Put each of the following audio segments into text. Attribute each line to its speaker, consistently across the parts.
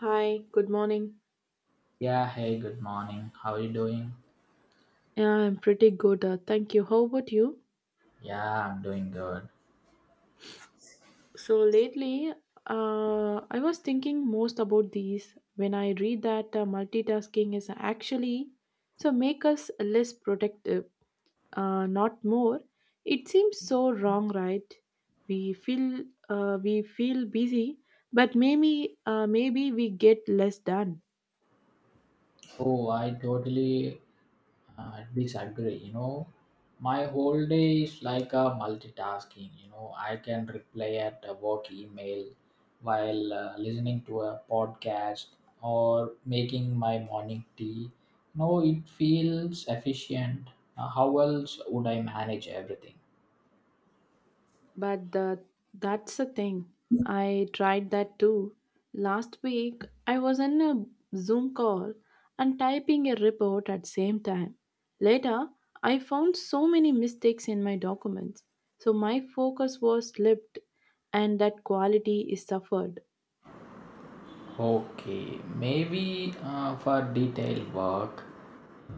Speaker 1: Hi, good morning.
Speaker 2: Yeah, hey, good morning. How are you doing?
Speaker 1: Yeah, I'm pretty good. Thank you. How about you?
Speaker 2: Yeah, I'm doing good.
Speaker 1: So lately, I was thinking most about these when I read that multitasking is actually so make us less productive, not more. It seems so wrong, right? We feel busy, but maybe we get less done.
Speaker 2: Oh, I totally disagree. You know, my whole day is like a multitasking. You know, I can reply at a work email while listening to a podcast or making my morning tea. No, it feels efficient. How else would I manage everything?
Speaker 1: But the, that's the thing. I tried that too. Last week, I was in a Zoom call and typing a report at same time. Later, I found so many mistakes in my documents. So my focus was slipped and that quality is suffered.
Speaker 2: Okay, maybe for detailed work,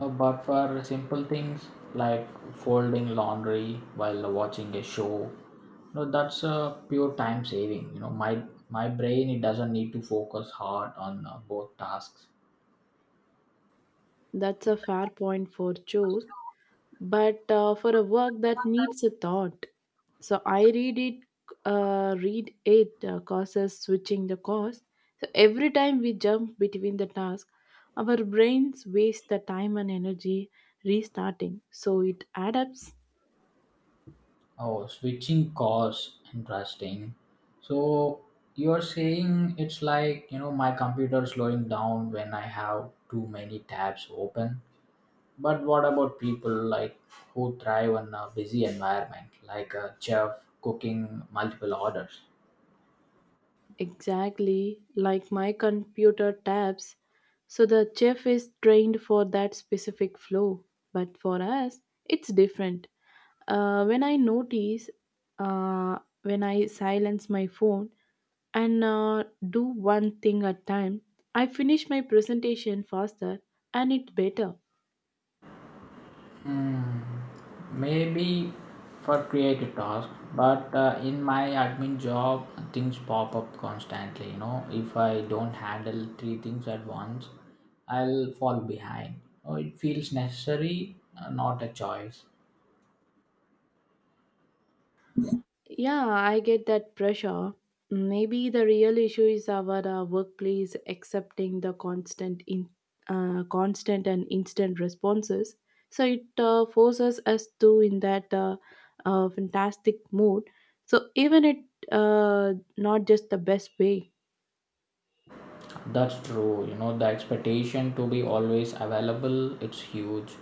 Speaker 2: but for simple things like folding laundry while watching a show, no, that's a pure time saving. You know, my brain it doesn't need to focus hard on both tasks.
Speaker 1: That's a fair point for Joe, but for a work that needs a thought, so I read it read it, causes switching the course. So every time we jump between the task, our brains waste the time and energy restarting, so it adds.
Speaker 2: Oh, switching course, interesting. So you're saying it's like, you know, my computer slowing down when I have too many tabs open. But what about people like who thrive on a busy environment, like a chef cooking multiple orders?
Speaker 1: Exactly, like my computer tabs. So the chef is trained for that specific flow, but for us, it's different. Uh, when I notice, when I silence my phone and do one thing at time, I finish my presentation faster and it better.
Speaker 2: Hmm, maybe for creative tasks, but in my admin job, things pop up constantly. You know, if I don't handle three things at once, I'll fall behind. Oh, it feels necessary, not a choice.
Speaker 1: Yeah, I get that pressure. Maybe the real issue is our workplace accepting the constant and instant responses. So it forces us to in that fantastic mood. So even it, not just the best way.
Speaker 2: That's true. You know, the expectation to be always available, it's huge.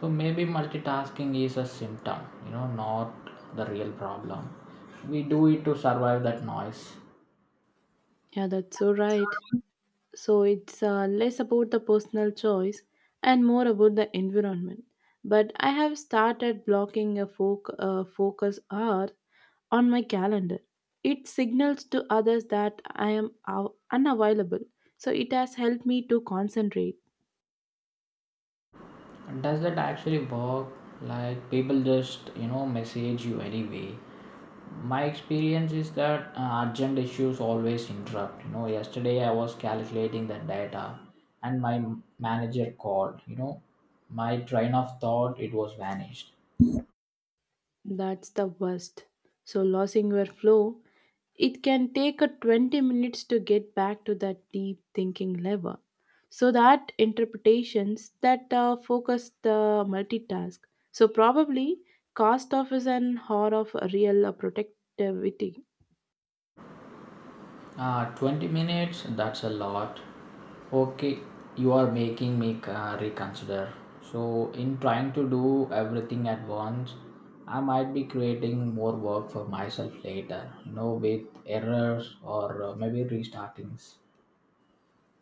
Speaker 2: So maybe multitasking is a symptom, you know, not the real problem. We do it to survive that noise.
Speaker 1: Yeah, that's so right. So it's less about the personal choice and more about the environment. But I have started blocking a focus hour on my calendar. It signals to others that I am unavailable. So it has helped me to concentrate.
Speaker 2: And does that actually work? Like people just, you know, message you anyway. My experience is that urgent issues always interrupt. You know, yesterday I was calculating the data and my manager called, you know, my train of thought it was vanished.
Speaker 1: That's the worst. So losing your flow, it can take a 20 minutes to get back to that deep thinking level. So that interpretations that focus the multitask, so probably cost of is an horror of real productivity.
Speaker 2: 20 minutes, that's a lot. Okay, you are making me reconsider. So, in trying to do everything at once, I might be creating more work for myself later, you know, with errors or maybe restartings.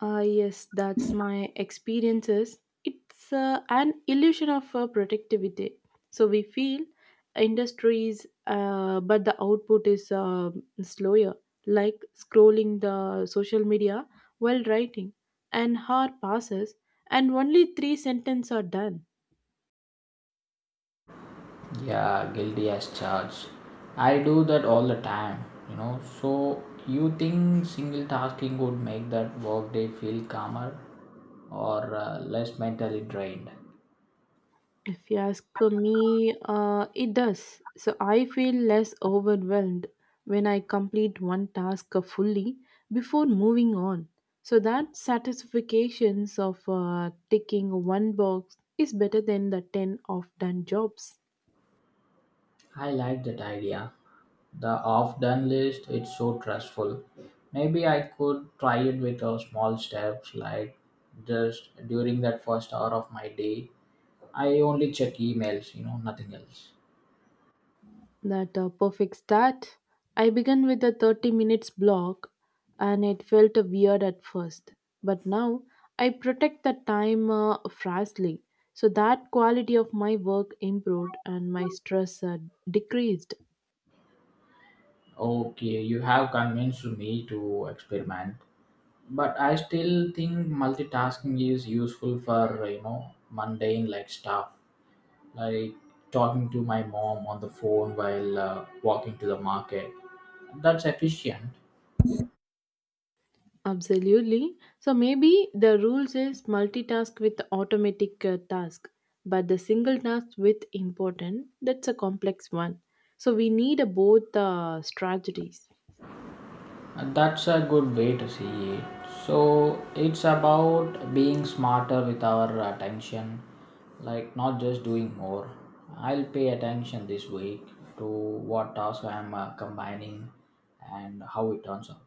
Speaker 1: Yes, that's my experiences. It's an illusion of productivity. So we feel industries, but the output is slower, like scrolling the social media while writing. An hour passes, and only three sentences are done.
Speaker 2: Yeah, guilty as charged. I do that all the time, you know. So, you think single tasking would make that workday feel calmer or less mentally drained?
Speaker 1: If you ask me, it does. So I feel less overwhelmed when I complete one task fully before moving on. So that satisfactions of ticking one box is better than the 10 of done jobs.
Speaker 2: I like that idea. The off done list, it's so trustful. Maybe I could try it with a small steps like just during that first hour of my day. I only check emails, you know, nothing else.
Speaker 1: That perfect start. I began with a 30 minutes block and it felt weird at first. But now I protect the time fastly. So that quality of my work improved and my stress decreased.
Speaker 2: Okay, you have convinced me to experiment, but I still think multitasking is useful for, you know, mundane like stuff, like talking to my mom on the phone while walking to the market. That's efficient.
Speaker 1: Absolutely. So maybe the rules is multitask with automatic task, but the single task with important, that's a complex one. So we need both strategies.
Speaker 2: And that's a good way to see it. So it's about being smarter with our attention, like not just doing more. I'll pay attention this week to what tasks I'm combining and how it turns out.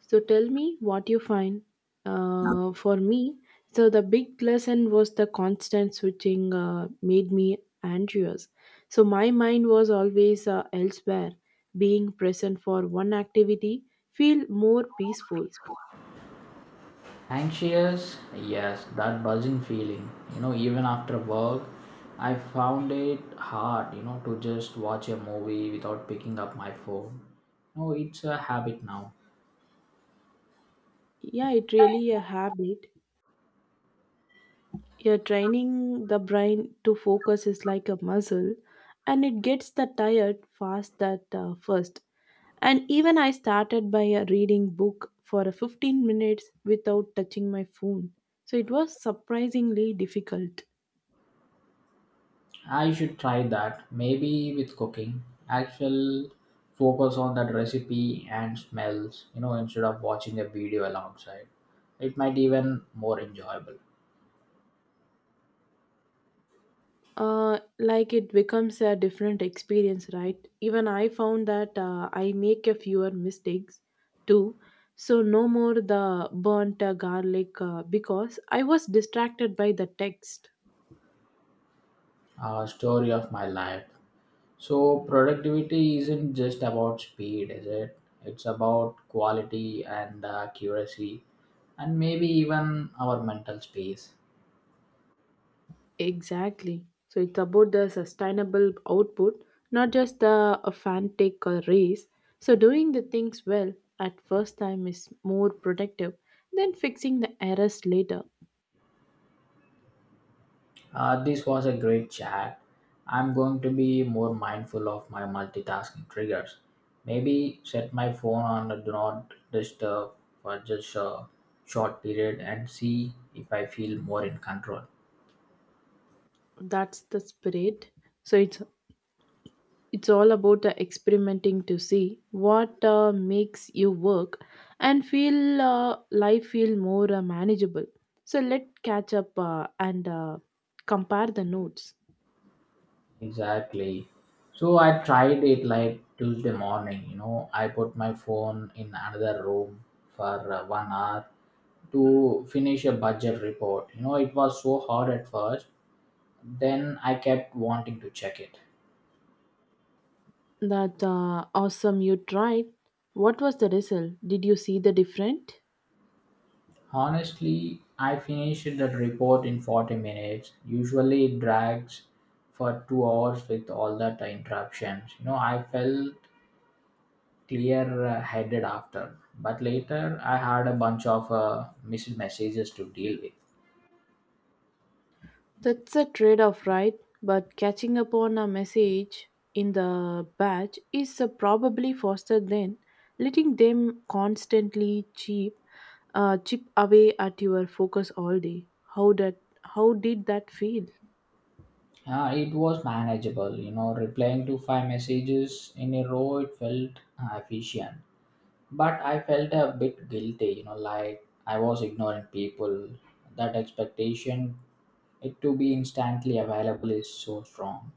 Speaker 1: So tell me what you find. For me, so the big lesson was the constant switching made me anxious. So my mind was always elsewhere. Being present for one activity feel more peaceful.
Speaker 2: Anxious, yes, that buzzing feeling. You know, even after work, I found it hard, you know, to just watch a movie without picking up my phone. No, it's a habit now.
Speaker 1: Yeah, it really a habit. Yeah, training the brain to focus is like a muscle, and it gets the tired fast at first. And even I started by a reading book for a 15 minutes without touching my phone. So it was surprisingly difficult.
Speaker 2: I should try that. Maybe with cooking, I shall focus on that recipe and smells, you know, instead of watching a video alongside. It might even more enjoyable.
Speaker 1: Like it becomes a different experience, right? Even I found that I make a fewer mistakes too. So no more the burnt garlic because I was distracted by the text.
Speaker 2: A story of my life. So productivity isn't just about speed, is it? It's about quality and accuracy, and maybe even our mental space.
Speaker 1: Exactly. So it's about the sustainable output, not just the a frantic race. So doing the things well at first time is more productive than fixing the errors later.
Speaker 2: This was a great chat. I'm going to be more mindful of my multitasking triggers. Maybe set my phone on a do not disturb for just a short period and see if I feel more in control.
Speaker 1: That's the spirit. So it's all about the experimenting to see what makes you work and feel life feel more manageable. So let's catch up and compare the notes.
Speaker 2: Exactly. So I tried it like Tuesday morning, you know, I put my phone in another room for 1 hour to finish a budget report. You know, it was so hard at first. Then I kept wanting to check it.
Speaker 1: That awesome you tried. What was the result? Did you see the difference?
Speaker 2: Honestly, I finished that report in 40 minutes. Usually it drags for 2 hours with all that interruptions. You know, I felt clear headed after, but later I had a bunch of missed messages to deal with.
Speaker 1: That's a trade off, right? But catching up on a message in the batch is probably faster than letting them constantly chip away at your focus all day. How that? How did that feel?
Speaker 2: It was manageable, you know, replying to 5 messages in a row, it felt efficient. But I felt a bit guilty, you know, like I was ignoring people. That expectation it to be instantly available is so strong.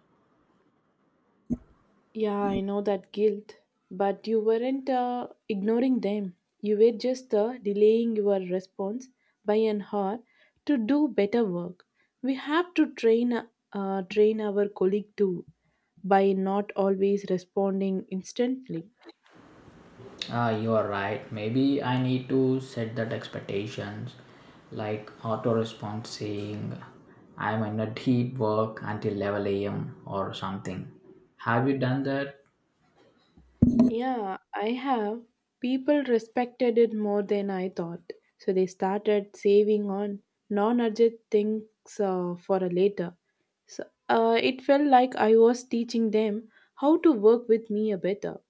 Speaker 1: Yeah, I know that guilt, but you weren't ignoring them. You were just delaying your response by an hour to do better work. We have to train our colleague too by not always responding instantly.
Speaker 2: Ah, you are right. Maybe I need to set that expectations, like auto response saying I'm in a deep work until 11 a.m. or something. Have you done that?
Speaker 1: Yeah, I have. People respected it more than I thought. So they started saving on non urgent things for a later. So it felt like I was teaching them how to work with me a better.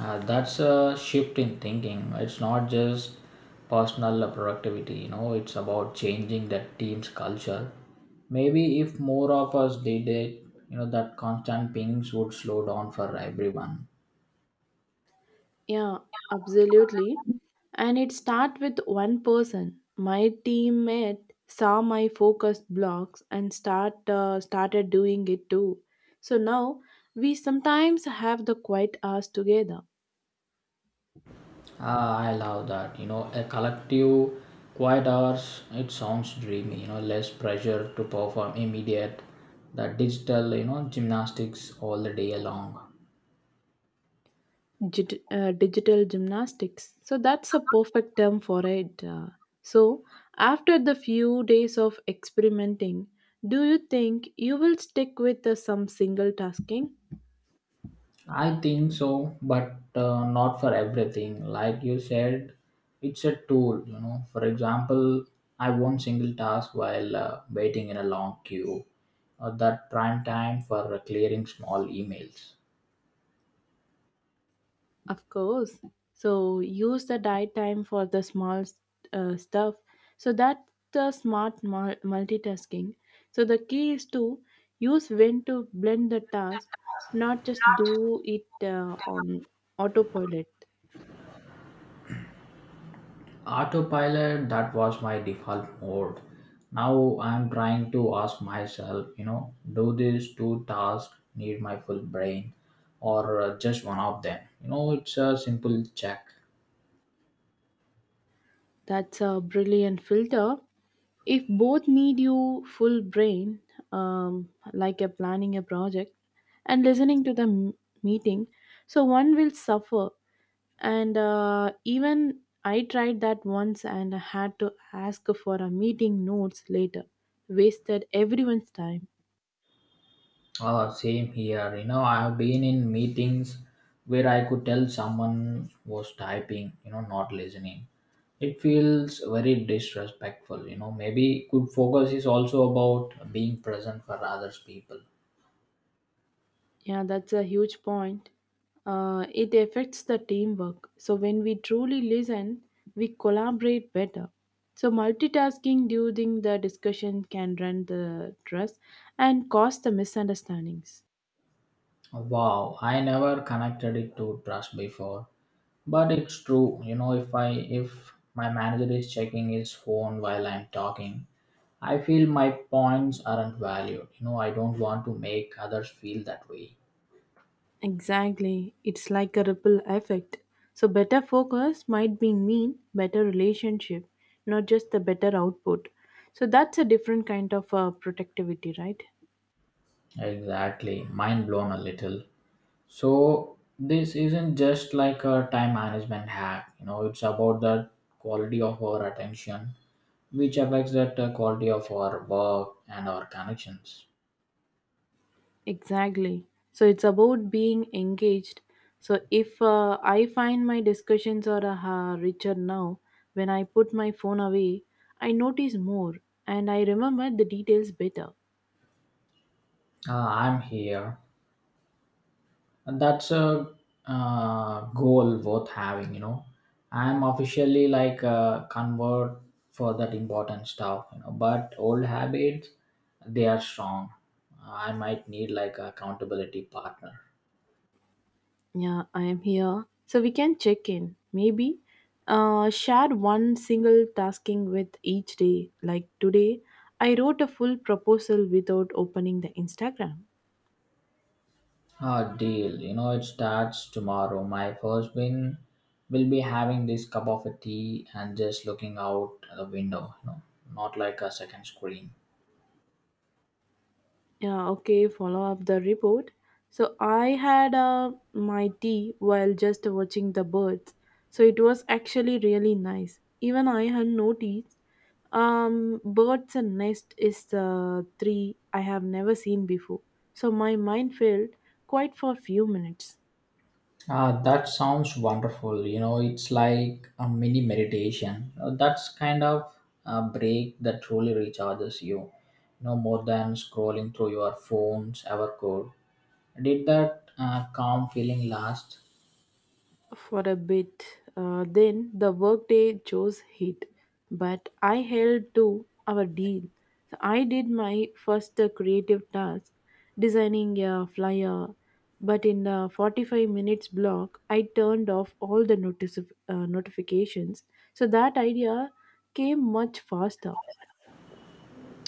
Speaker 2: That's a shift in thinking. It's not just personal productivity, you know, it's about changing that team's culture. Maybe if more of us did it, you know, that constant pings would slow down for everyone.
Speaker 1: Yeah, absolutely. And it start with one person. My teammate saw my focus blocks and started doing it too. So now we sometimes have the quiet hours together.
Speaker 2: Ah, I love that. You know, a collective quiet hours, it sounds dreamy, you know, less pressure to perform immediate, that digital, you know, gymnastics all the day long.
Speaker 1: Digital gymnastics. So that's a perfect term for it. So after the few days of experimenting, do you think you will stick with some single tasking?
Speaker 2: I think so, but not for everything. Like you said, it's a tool, you know. For example, I won't single task while waiting in a long queue, or that prime time for clearing small emails.
Speaker 1: Of course. So use the diet time for the small stuff. So that's the smart multitasking. So the key is to use when to blend the task, not just do it on autopilot.
Speaker 2: Autopilot, that was my default mode. Now I'm trying to ask myself, you know, do these two tasks need my full brain or just one of them? You know, it's a simple check.
Speaker 1: That's a brilliant filter. If both need you full brain, like a planning a project and listening to the meeting, so one will suffer. And even I tried that once and I had to ask for a meeting notes later, wasted everyone's time.
Speaker 2: Same here. You know, I have been in meetings where I could tell someone was typing, you know, not listening. It feels very disrespectful, you know. Maybe good focus is also about being present for others people.
Speaker 1: Yeah, that's a huge point. It affects the teamwork. So when we truly listen, we collaborate better. So multitasking during the discussion can run the trust and cause the misunderstandings.
Speaker 2: Wow, I never connected it to trust before, but it's true. You know, if my manager is checking his phone while I'm talking, I feel my points aren't valued. You know, I don't want to make others feel that way.
Speaker 1: Exactly. It's like a ripple effect. So better focus might be mean better relationship, not just the better output. So that's a different kind of productivity, right?
Speaker 2: Exactly, mind blown a little. So this isn't just like a time management hack, you know, it's about the quality of our attention, which affects that quality of our work and our connections.
Speaker 1: Exactly. So it's about being engaged. So if I find my discussions are richer now, when I put my phone away, I notice more and I remember the details better.
Speaker 2: Ah, I'm here. And that's a goal worth having, you know. I'm officially like a convert for that important stuff, you know, but old habits, they are strong. I might need like accountability partner.
Speaker 1: Yeah, I am here. So we can check in. Maybe share one single tasking with each day. Like today, I wrote a full proposal without opening the Instagram.
Speaker 2: Ah, deal. You know, it starts tomorrow. My first win will be having this cup of a tea and just looking out the window, you know, not like a second screen.
Speaker 1: Yeah, okay, follow up the report. So I had my tea while just watching the birds. So it was actually really nice. Even I had noticed birds and nest is the three I have never seen before. So my mind felt quiet for a few minutes.
Speaker 2: Ah, that sounds wonderful. You know, it's like a mini meditation. That's kind of a break that truly recharges you. No more than scrolling through your phones ever could. Did that calm feeling last?
Speaker 1: For a bit. Then the workday chose heat, but I held to our deal. So I did my first creative task, designing a flyer. But in the 45 minutes block, I turned off all the notice notifications. So that idea came much faster.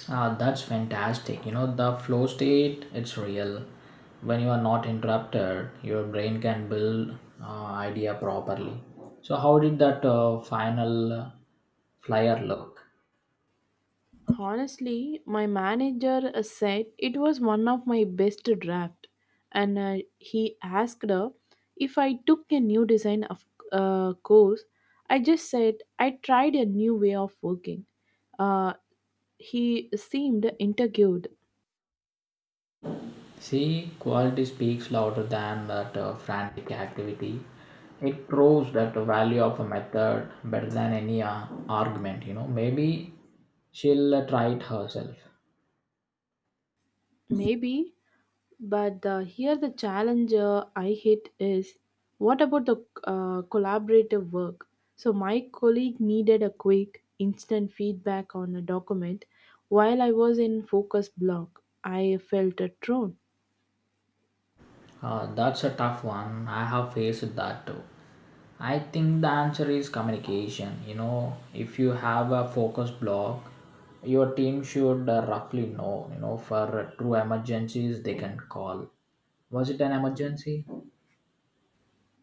Speaker 2: Ah, that's fantastic. You know, the flow state, it's real. When you are not interrupted, your brain can build idea properly. So, how did that final flyer look?
Speaker 1: Honestly, my manager said it was one of my best draft, and he asked her if I took a new design of course. I just said I tried a new way of working. Uh, he seemed intrigued.
Speaker 2: See, quality speaks louder than that frantic activity. It proves that the value of a method better than any argument. You know, maybe she'll try it herself.
Speaker 1: Maybe. But here the challenge I hit is what about the collaborative work? So my colleague needed a quick, instant feedback on a document while I was in focus block. I felt a thrown.
Speaker 2: That's a tough one. I have faced that too. I think the answer is communication. You know, if you have a focus block, your team should roughly know, you know, for true emergencies they can call. Was it an emergency?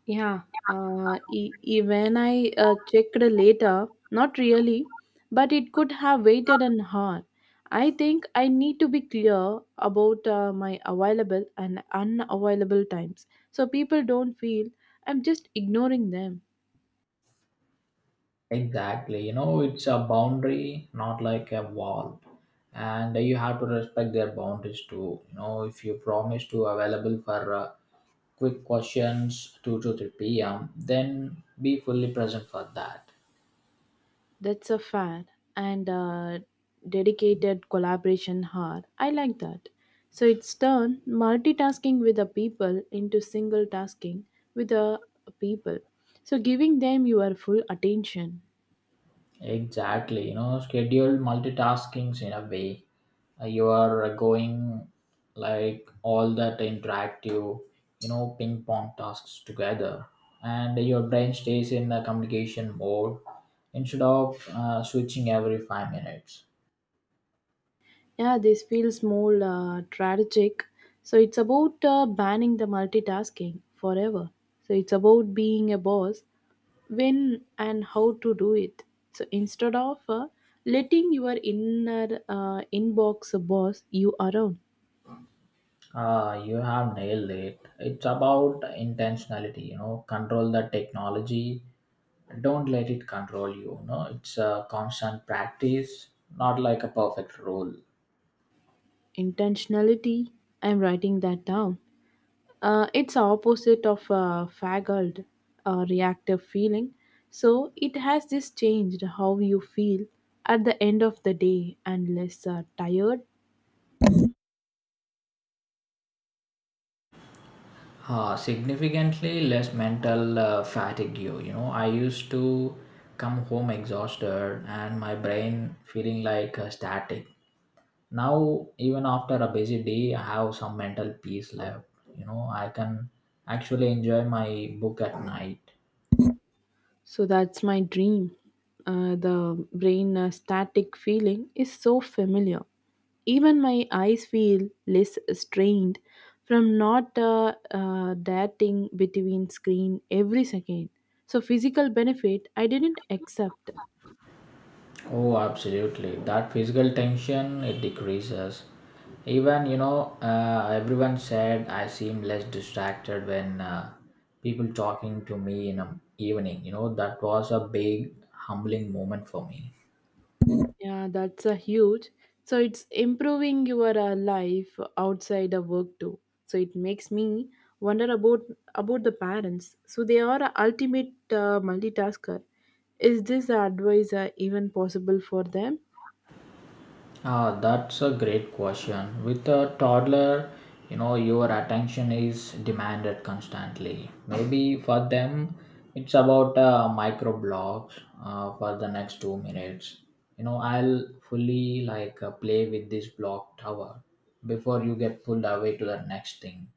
Speaker 1: Yeah, even I checked later, not really, but it could have waited an hour. I think I need to be clear about my available and unavailable times so people don't feel I'm just ignoring them.
Speaker 2: Exactly. You know, it's a boundary, not like a wall. And you have to respect their boundaries too. You know, if you promise to available for quick questions 2 to 3 p.m. Then be fully present for that.
Speaker 1: That's a fair and dedicated collaboration hard. I like that. So it's turned multitasking with the people into single tasking with the people. So giving them your full attention.
Speaker 2: Exactly, you know, schedule multitaskings in a way. You are going like all that interactive, you know, ping pong tasks together, and your brain stays in the communication mode instead of switching every 5 minutes.
Speaker 1: Yeah, this feels more tragic. So it's about banning the multitasking forever. So it's about being a boss when and how to do it. So instead of letting your inner inbox boss you around,
Speaker 2: Ah, you have nailed it. It's about intentionality, you know, control the technology, don't let it control you. No, it's a constant practice, not like a perfect rule.
Speaker 1: intentionality, I'm writing that down. It's opposite of a faggled reactive feeling. So it has this changed how you feel at the end of the day and less tired.
Speaker 2: Significantly less mental fatigue. You know, I used to come home exhausted and my brain feeling like static. Now even after a busy day I have some mental peace left. You know, I can actually enjoy my book at night.
Speaker 1: So that's my dream. The brain static feeling is so familiar. Even my eyes feel less strained from not darting between screen every second. So physical benefit I didn't accept.
Speaker 2: Oh, absolutely. That physical tension it decreases. Even you know, everyone said I seem less distracted when people talking to me in the evening. You know, that was a big humbling moment for me.
Speaker 1: Yeah, that's a huge. So it's improving your life outside the work too. So it makes me wonder about the parents. So they are a ultimate multitasker. Is this advice even possible for them?
Speaker 2: Ah, that's a great question. With a toddler, you know, your attention is demanded constantly. Maybe for them, it's about micro blocks for the next 2 minutes. You know, I'll fully like play with this block tower before you get pulled away to the next thing.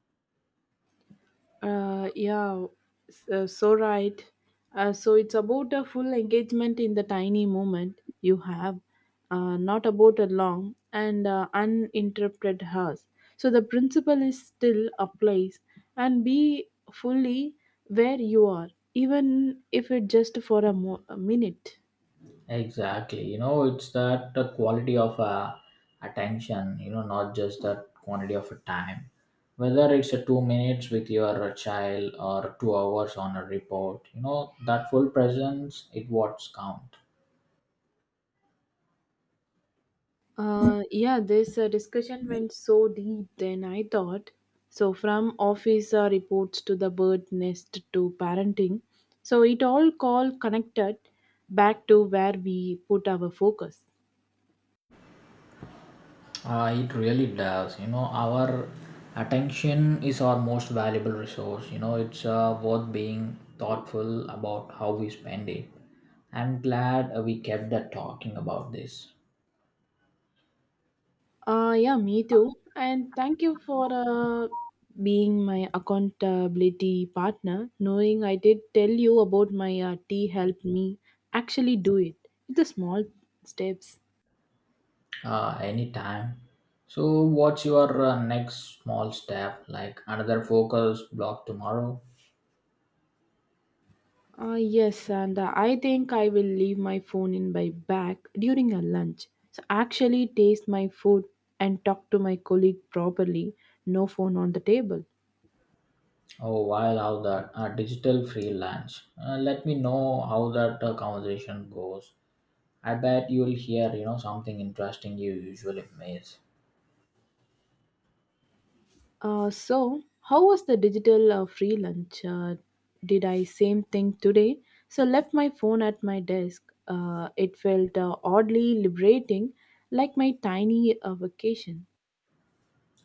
Speaker 1: Uh, yeah, so right. So it's about a full engagement in the tiny moment you have, not about a long and uninterrupted hours. So the principle is still applies and be fully where you are, even if it just for a minute.
Speaker 2: Exactly. You know, it's that the quality of attention, you know, not just that quantity of time. Whether it's a 2 minutes with your child or 2 hours on a report, you know, that full presence, it what's count.
Speaker 1: Yeah, this discussion went so deep than I thought. So, from office reports to the bird nest to parenting, so it all call connected back to where we put our focus.
Speaker 2: It really does. You know, our attention is our most valuable resource. You know, it's worth being thoughtful about how we spend it. I'm glad we kept that talking about this.
Speaker 1: Yeah, me too. And thank you for being my accountability partner. Knowing I did tell you about my tea helped me actually do it. It's the small steps.
Speaker 2: Anytime. So, what's your next small step? Like another focus block tomorrow?
Speaker 1: Yes, and I think I will leave my phone in my bag during a lunch, so actually taste my food and talk to my colleague properly. No phone on the table.
Speaker 2: Oh, while how that digital freelance. Let me know how that conversation goes. I bet you'll hear, you know, something interesting you usually miss.
Speaker 1: So how was the digital free lunch? Did I same thing today? So left my phone at my desk. It felt oddly liberating, like my tiny vacation.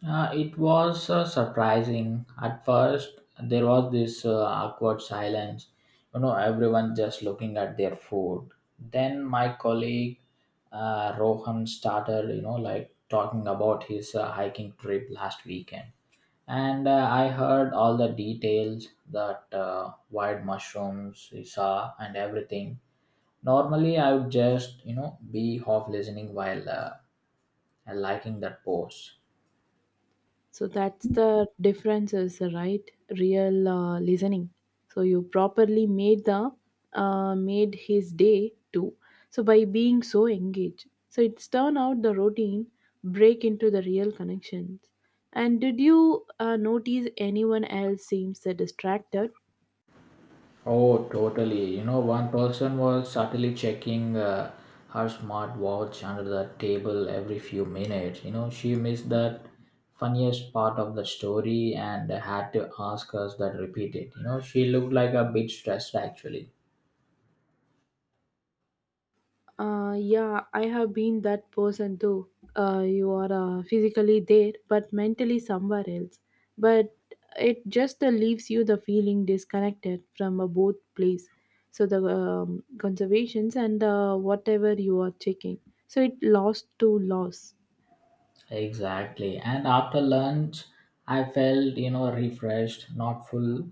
Speaker 2: It was surprising. At first, there was this awkward silence, you know, everyone just looking at their food. Then my colleague Rohan started, you know, like talking about his hiking trip last weekend. And I heard all the details that wild mushrooms he saw and everything. Normally, I would just, you know, be half listening while liking that post.
Speaker 1: So that's the difference is the right real listening. So you properly made the made his day too. So by being so engaged, so it's turn out the routine break into the real connections. And did you notice anyone else seems distracted.
Speaker 2: Oh, totally. You know, one person was subtly checking her smartwatch under the table every few minutes. You know, she missed that funniest part of the story and had to ask us that repeat it. You know, she looked like a bit stressed actually.
Speaker 1: Yeah, I have been that person too. You are physically there, but mentally somewhere else. But it just leaves you the feeling disconnected from both place. So the conservations and whatever you are checking. So it lost to loss.
Speaker 2: Exactly. And after lunch, I felt, you know, refreshed, not full,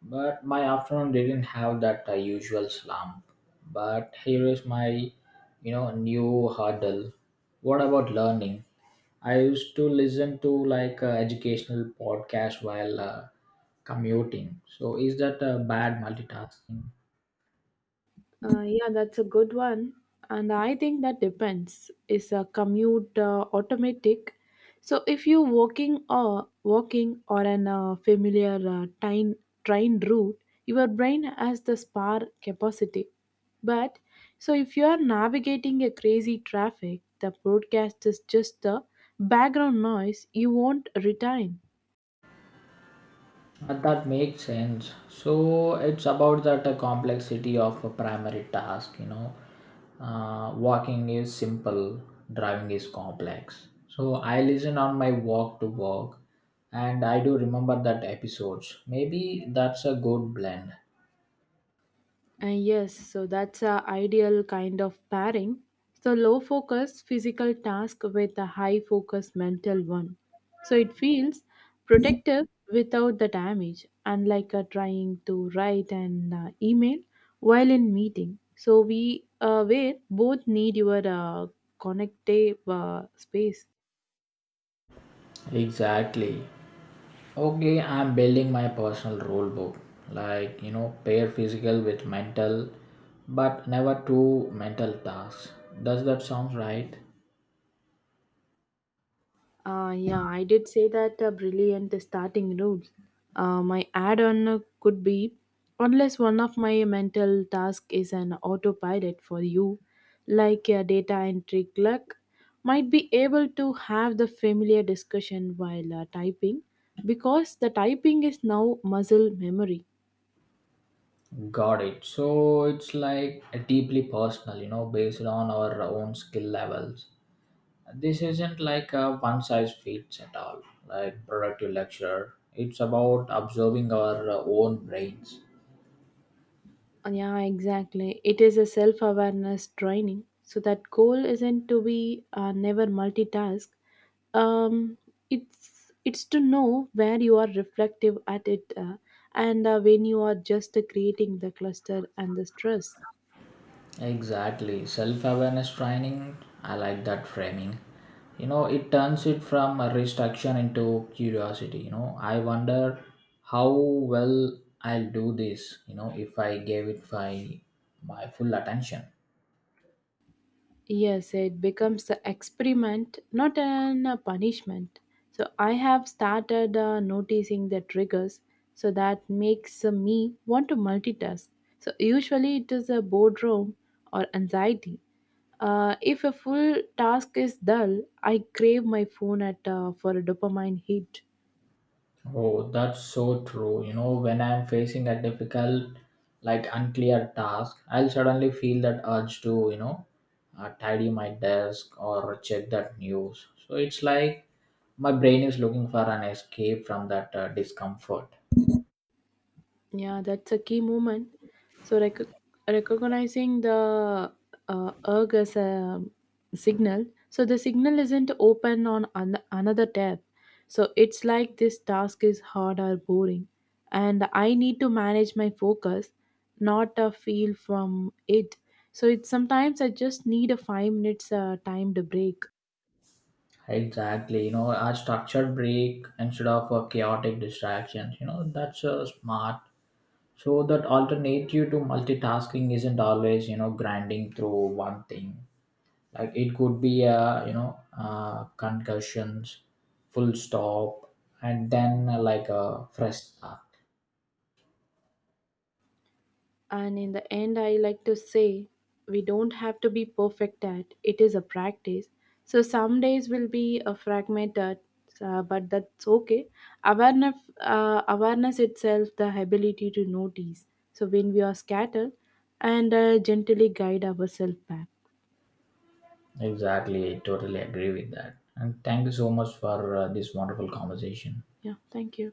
Speaker 2: but my afternoon didn't have that usual slump. But here is my, you know, new hurdle. What about learning? I used to listen to like educational podcast while commuting. So is that a bad multitasking?
Speaker 1: Yeah, that's a good one. And I think that depends. Is a commute automatic? So if you're walking or walking or an familiar train route, your brain has the spar capacity. But so if you are navigating a crazy traffic, the broadcast is just the background noise you won't retain.
Speaker 2: That makes sense. So it's about that complexity of a primary task, you know. Walking is simple, driving is complex. So I listen on my walk to work, and I do remember that episodes. Maybe that's a good blend.
Speaker 1: And yes, so that's a ideal kind of pairing. So low focus physical task with a high focus mental one. So it feels protective without the damage, unlike trying to write an email while in meeting. So we where both need your connective space.
Speaker 2: Exactly. Okay, I'm building my personal rule book. Like, you know, pair physical with mental, but never two mental tasks. Does that sound right?
Speaker 1: Yeah, I did say that brilliant starting rules. My add on could be unless one of my mental task is an autopilot for you, like a data entry clerk, might be able to have the familiar discussion while typing because the typing is now muscle memory.
Speaker 2: Got it. So it's like a deeply personal, you know, based on our own skill levels. This isn't like a one size fits at all, like productive lecture. It's about observing our own brains.
Speaker 1: Yeah, exactly. It is a self awareness training. So that goal isn't to be never multitask, um, it's to know where you are reflective at it and when you are just creating the cluster and the stress.
Speaker 2: Exactly. Self awareness training. I like that framing. You know, it turns it from a restriction into curiosity. You know, I wonder how well I'll do this, you know, if I gave it my full attention.
Speaker 1: Yes, it becomes an experiment, not an punishment. So I have started noticing the triggers so that makes me want to multitask. So usually it is a boredom or anxiety. If a full task is dull, I crave my phone at for a dopamine hit.
Speaker 2: Oh, that's so true. You know, when I'm facing a difficult, like unclear task, I'll suddenly feel that urge to, you know, tidy my desk or check that news. So it's like my brain is looking for an escape from that discomfort.
Speaker 1: Yeah, that's a key moment. So recognizing the erg as a signal. So the signal isn't open on another tab. So it's like this task is hard or boring, and I need to manage my focus, not a feel from it. So it's sometimes I just need a 5 minutes timed break.
Speaker 2: Exactly. You know, a structured break instead of a chaotic distractions. You know, that's smart. So that alternative to multitasking isn't always, you know, grinding through one thing. Like it could be a, you know, concussions full stop and then like a fresh start.
Speaker 1: And in the end, I like to say we don't have to be perfect at it is a practice. So some days will be a fragmented, but that's okay. Awareness, awareness itself, the ability to notice. So when we are scattered, and gently guide ourselves back.
Speaker 2: Exactly, I totally agree with that, and thank you so much for this wonderful conversation.
Speaker 1: Yeah, thank you.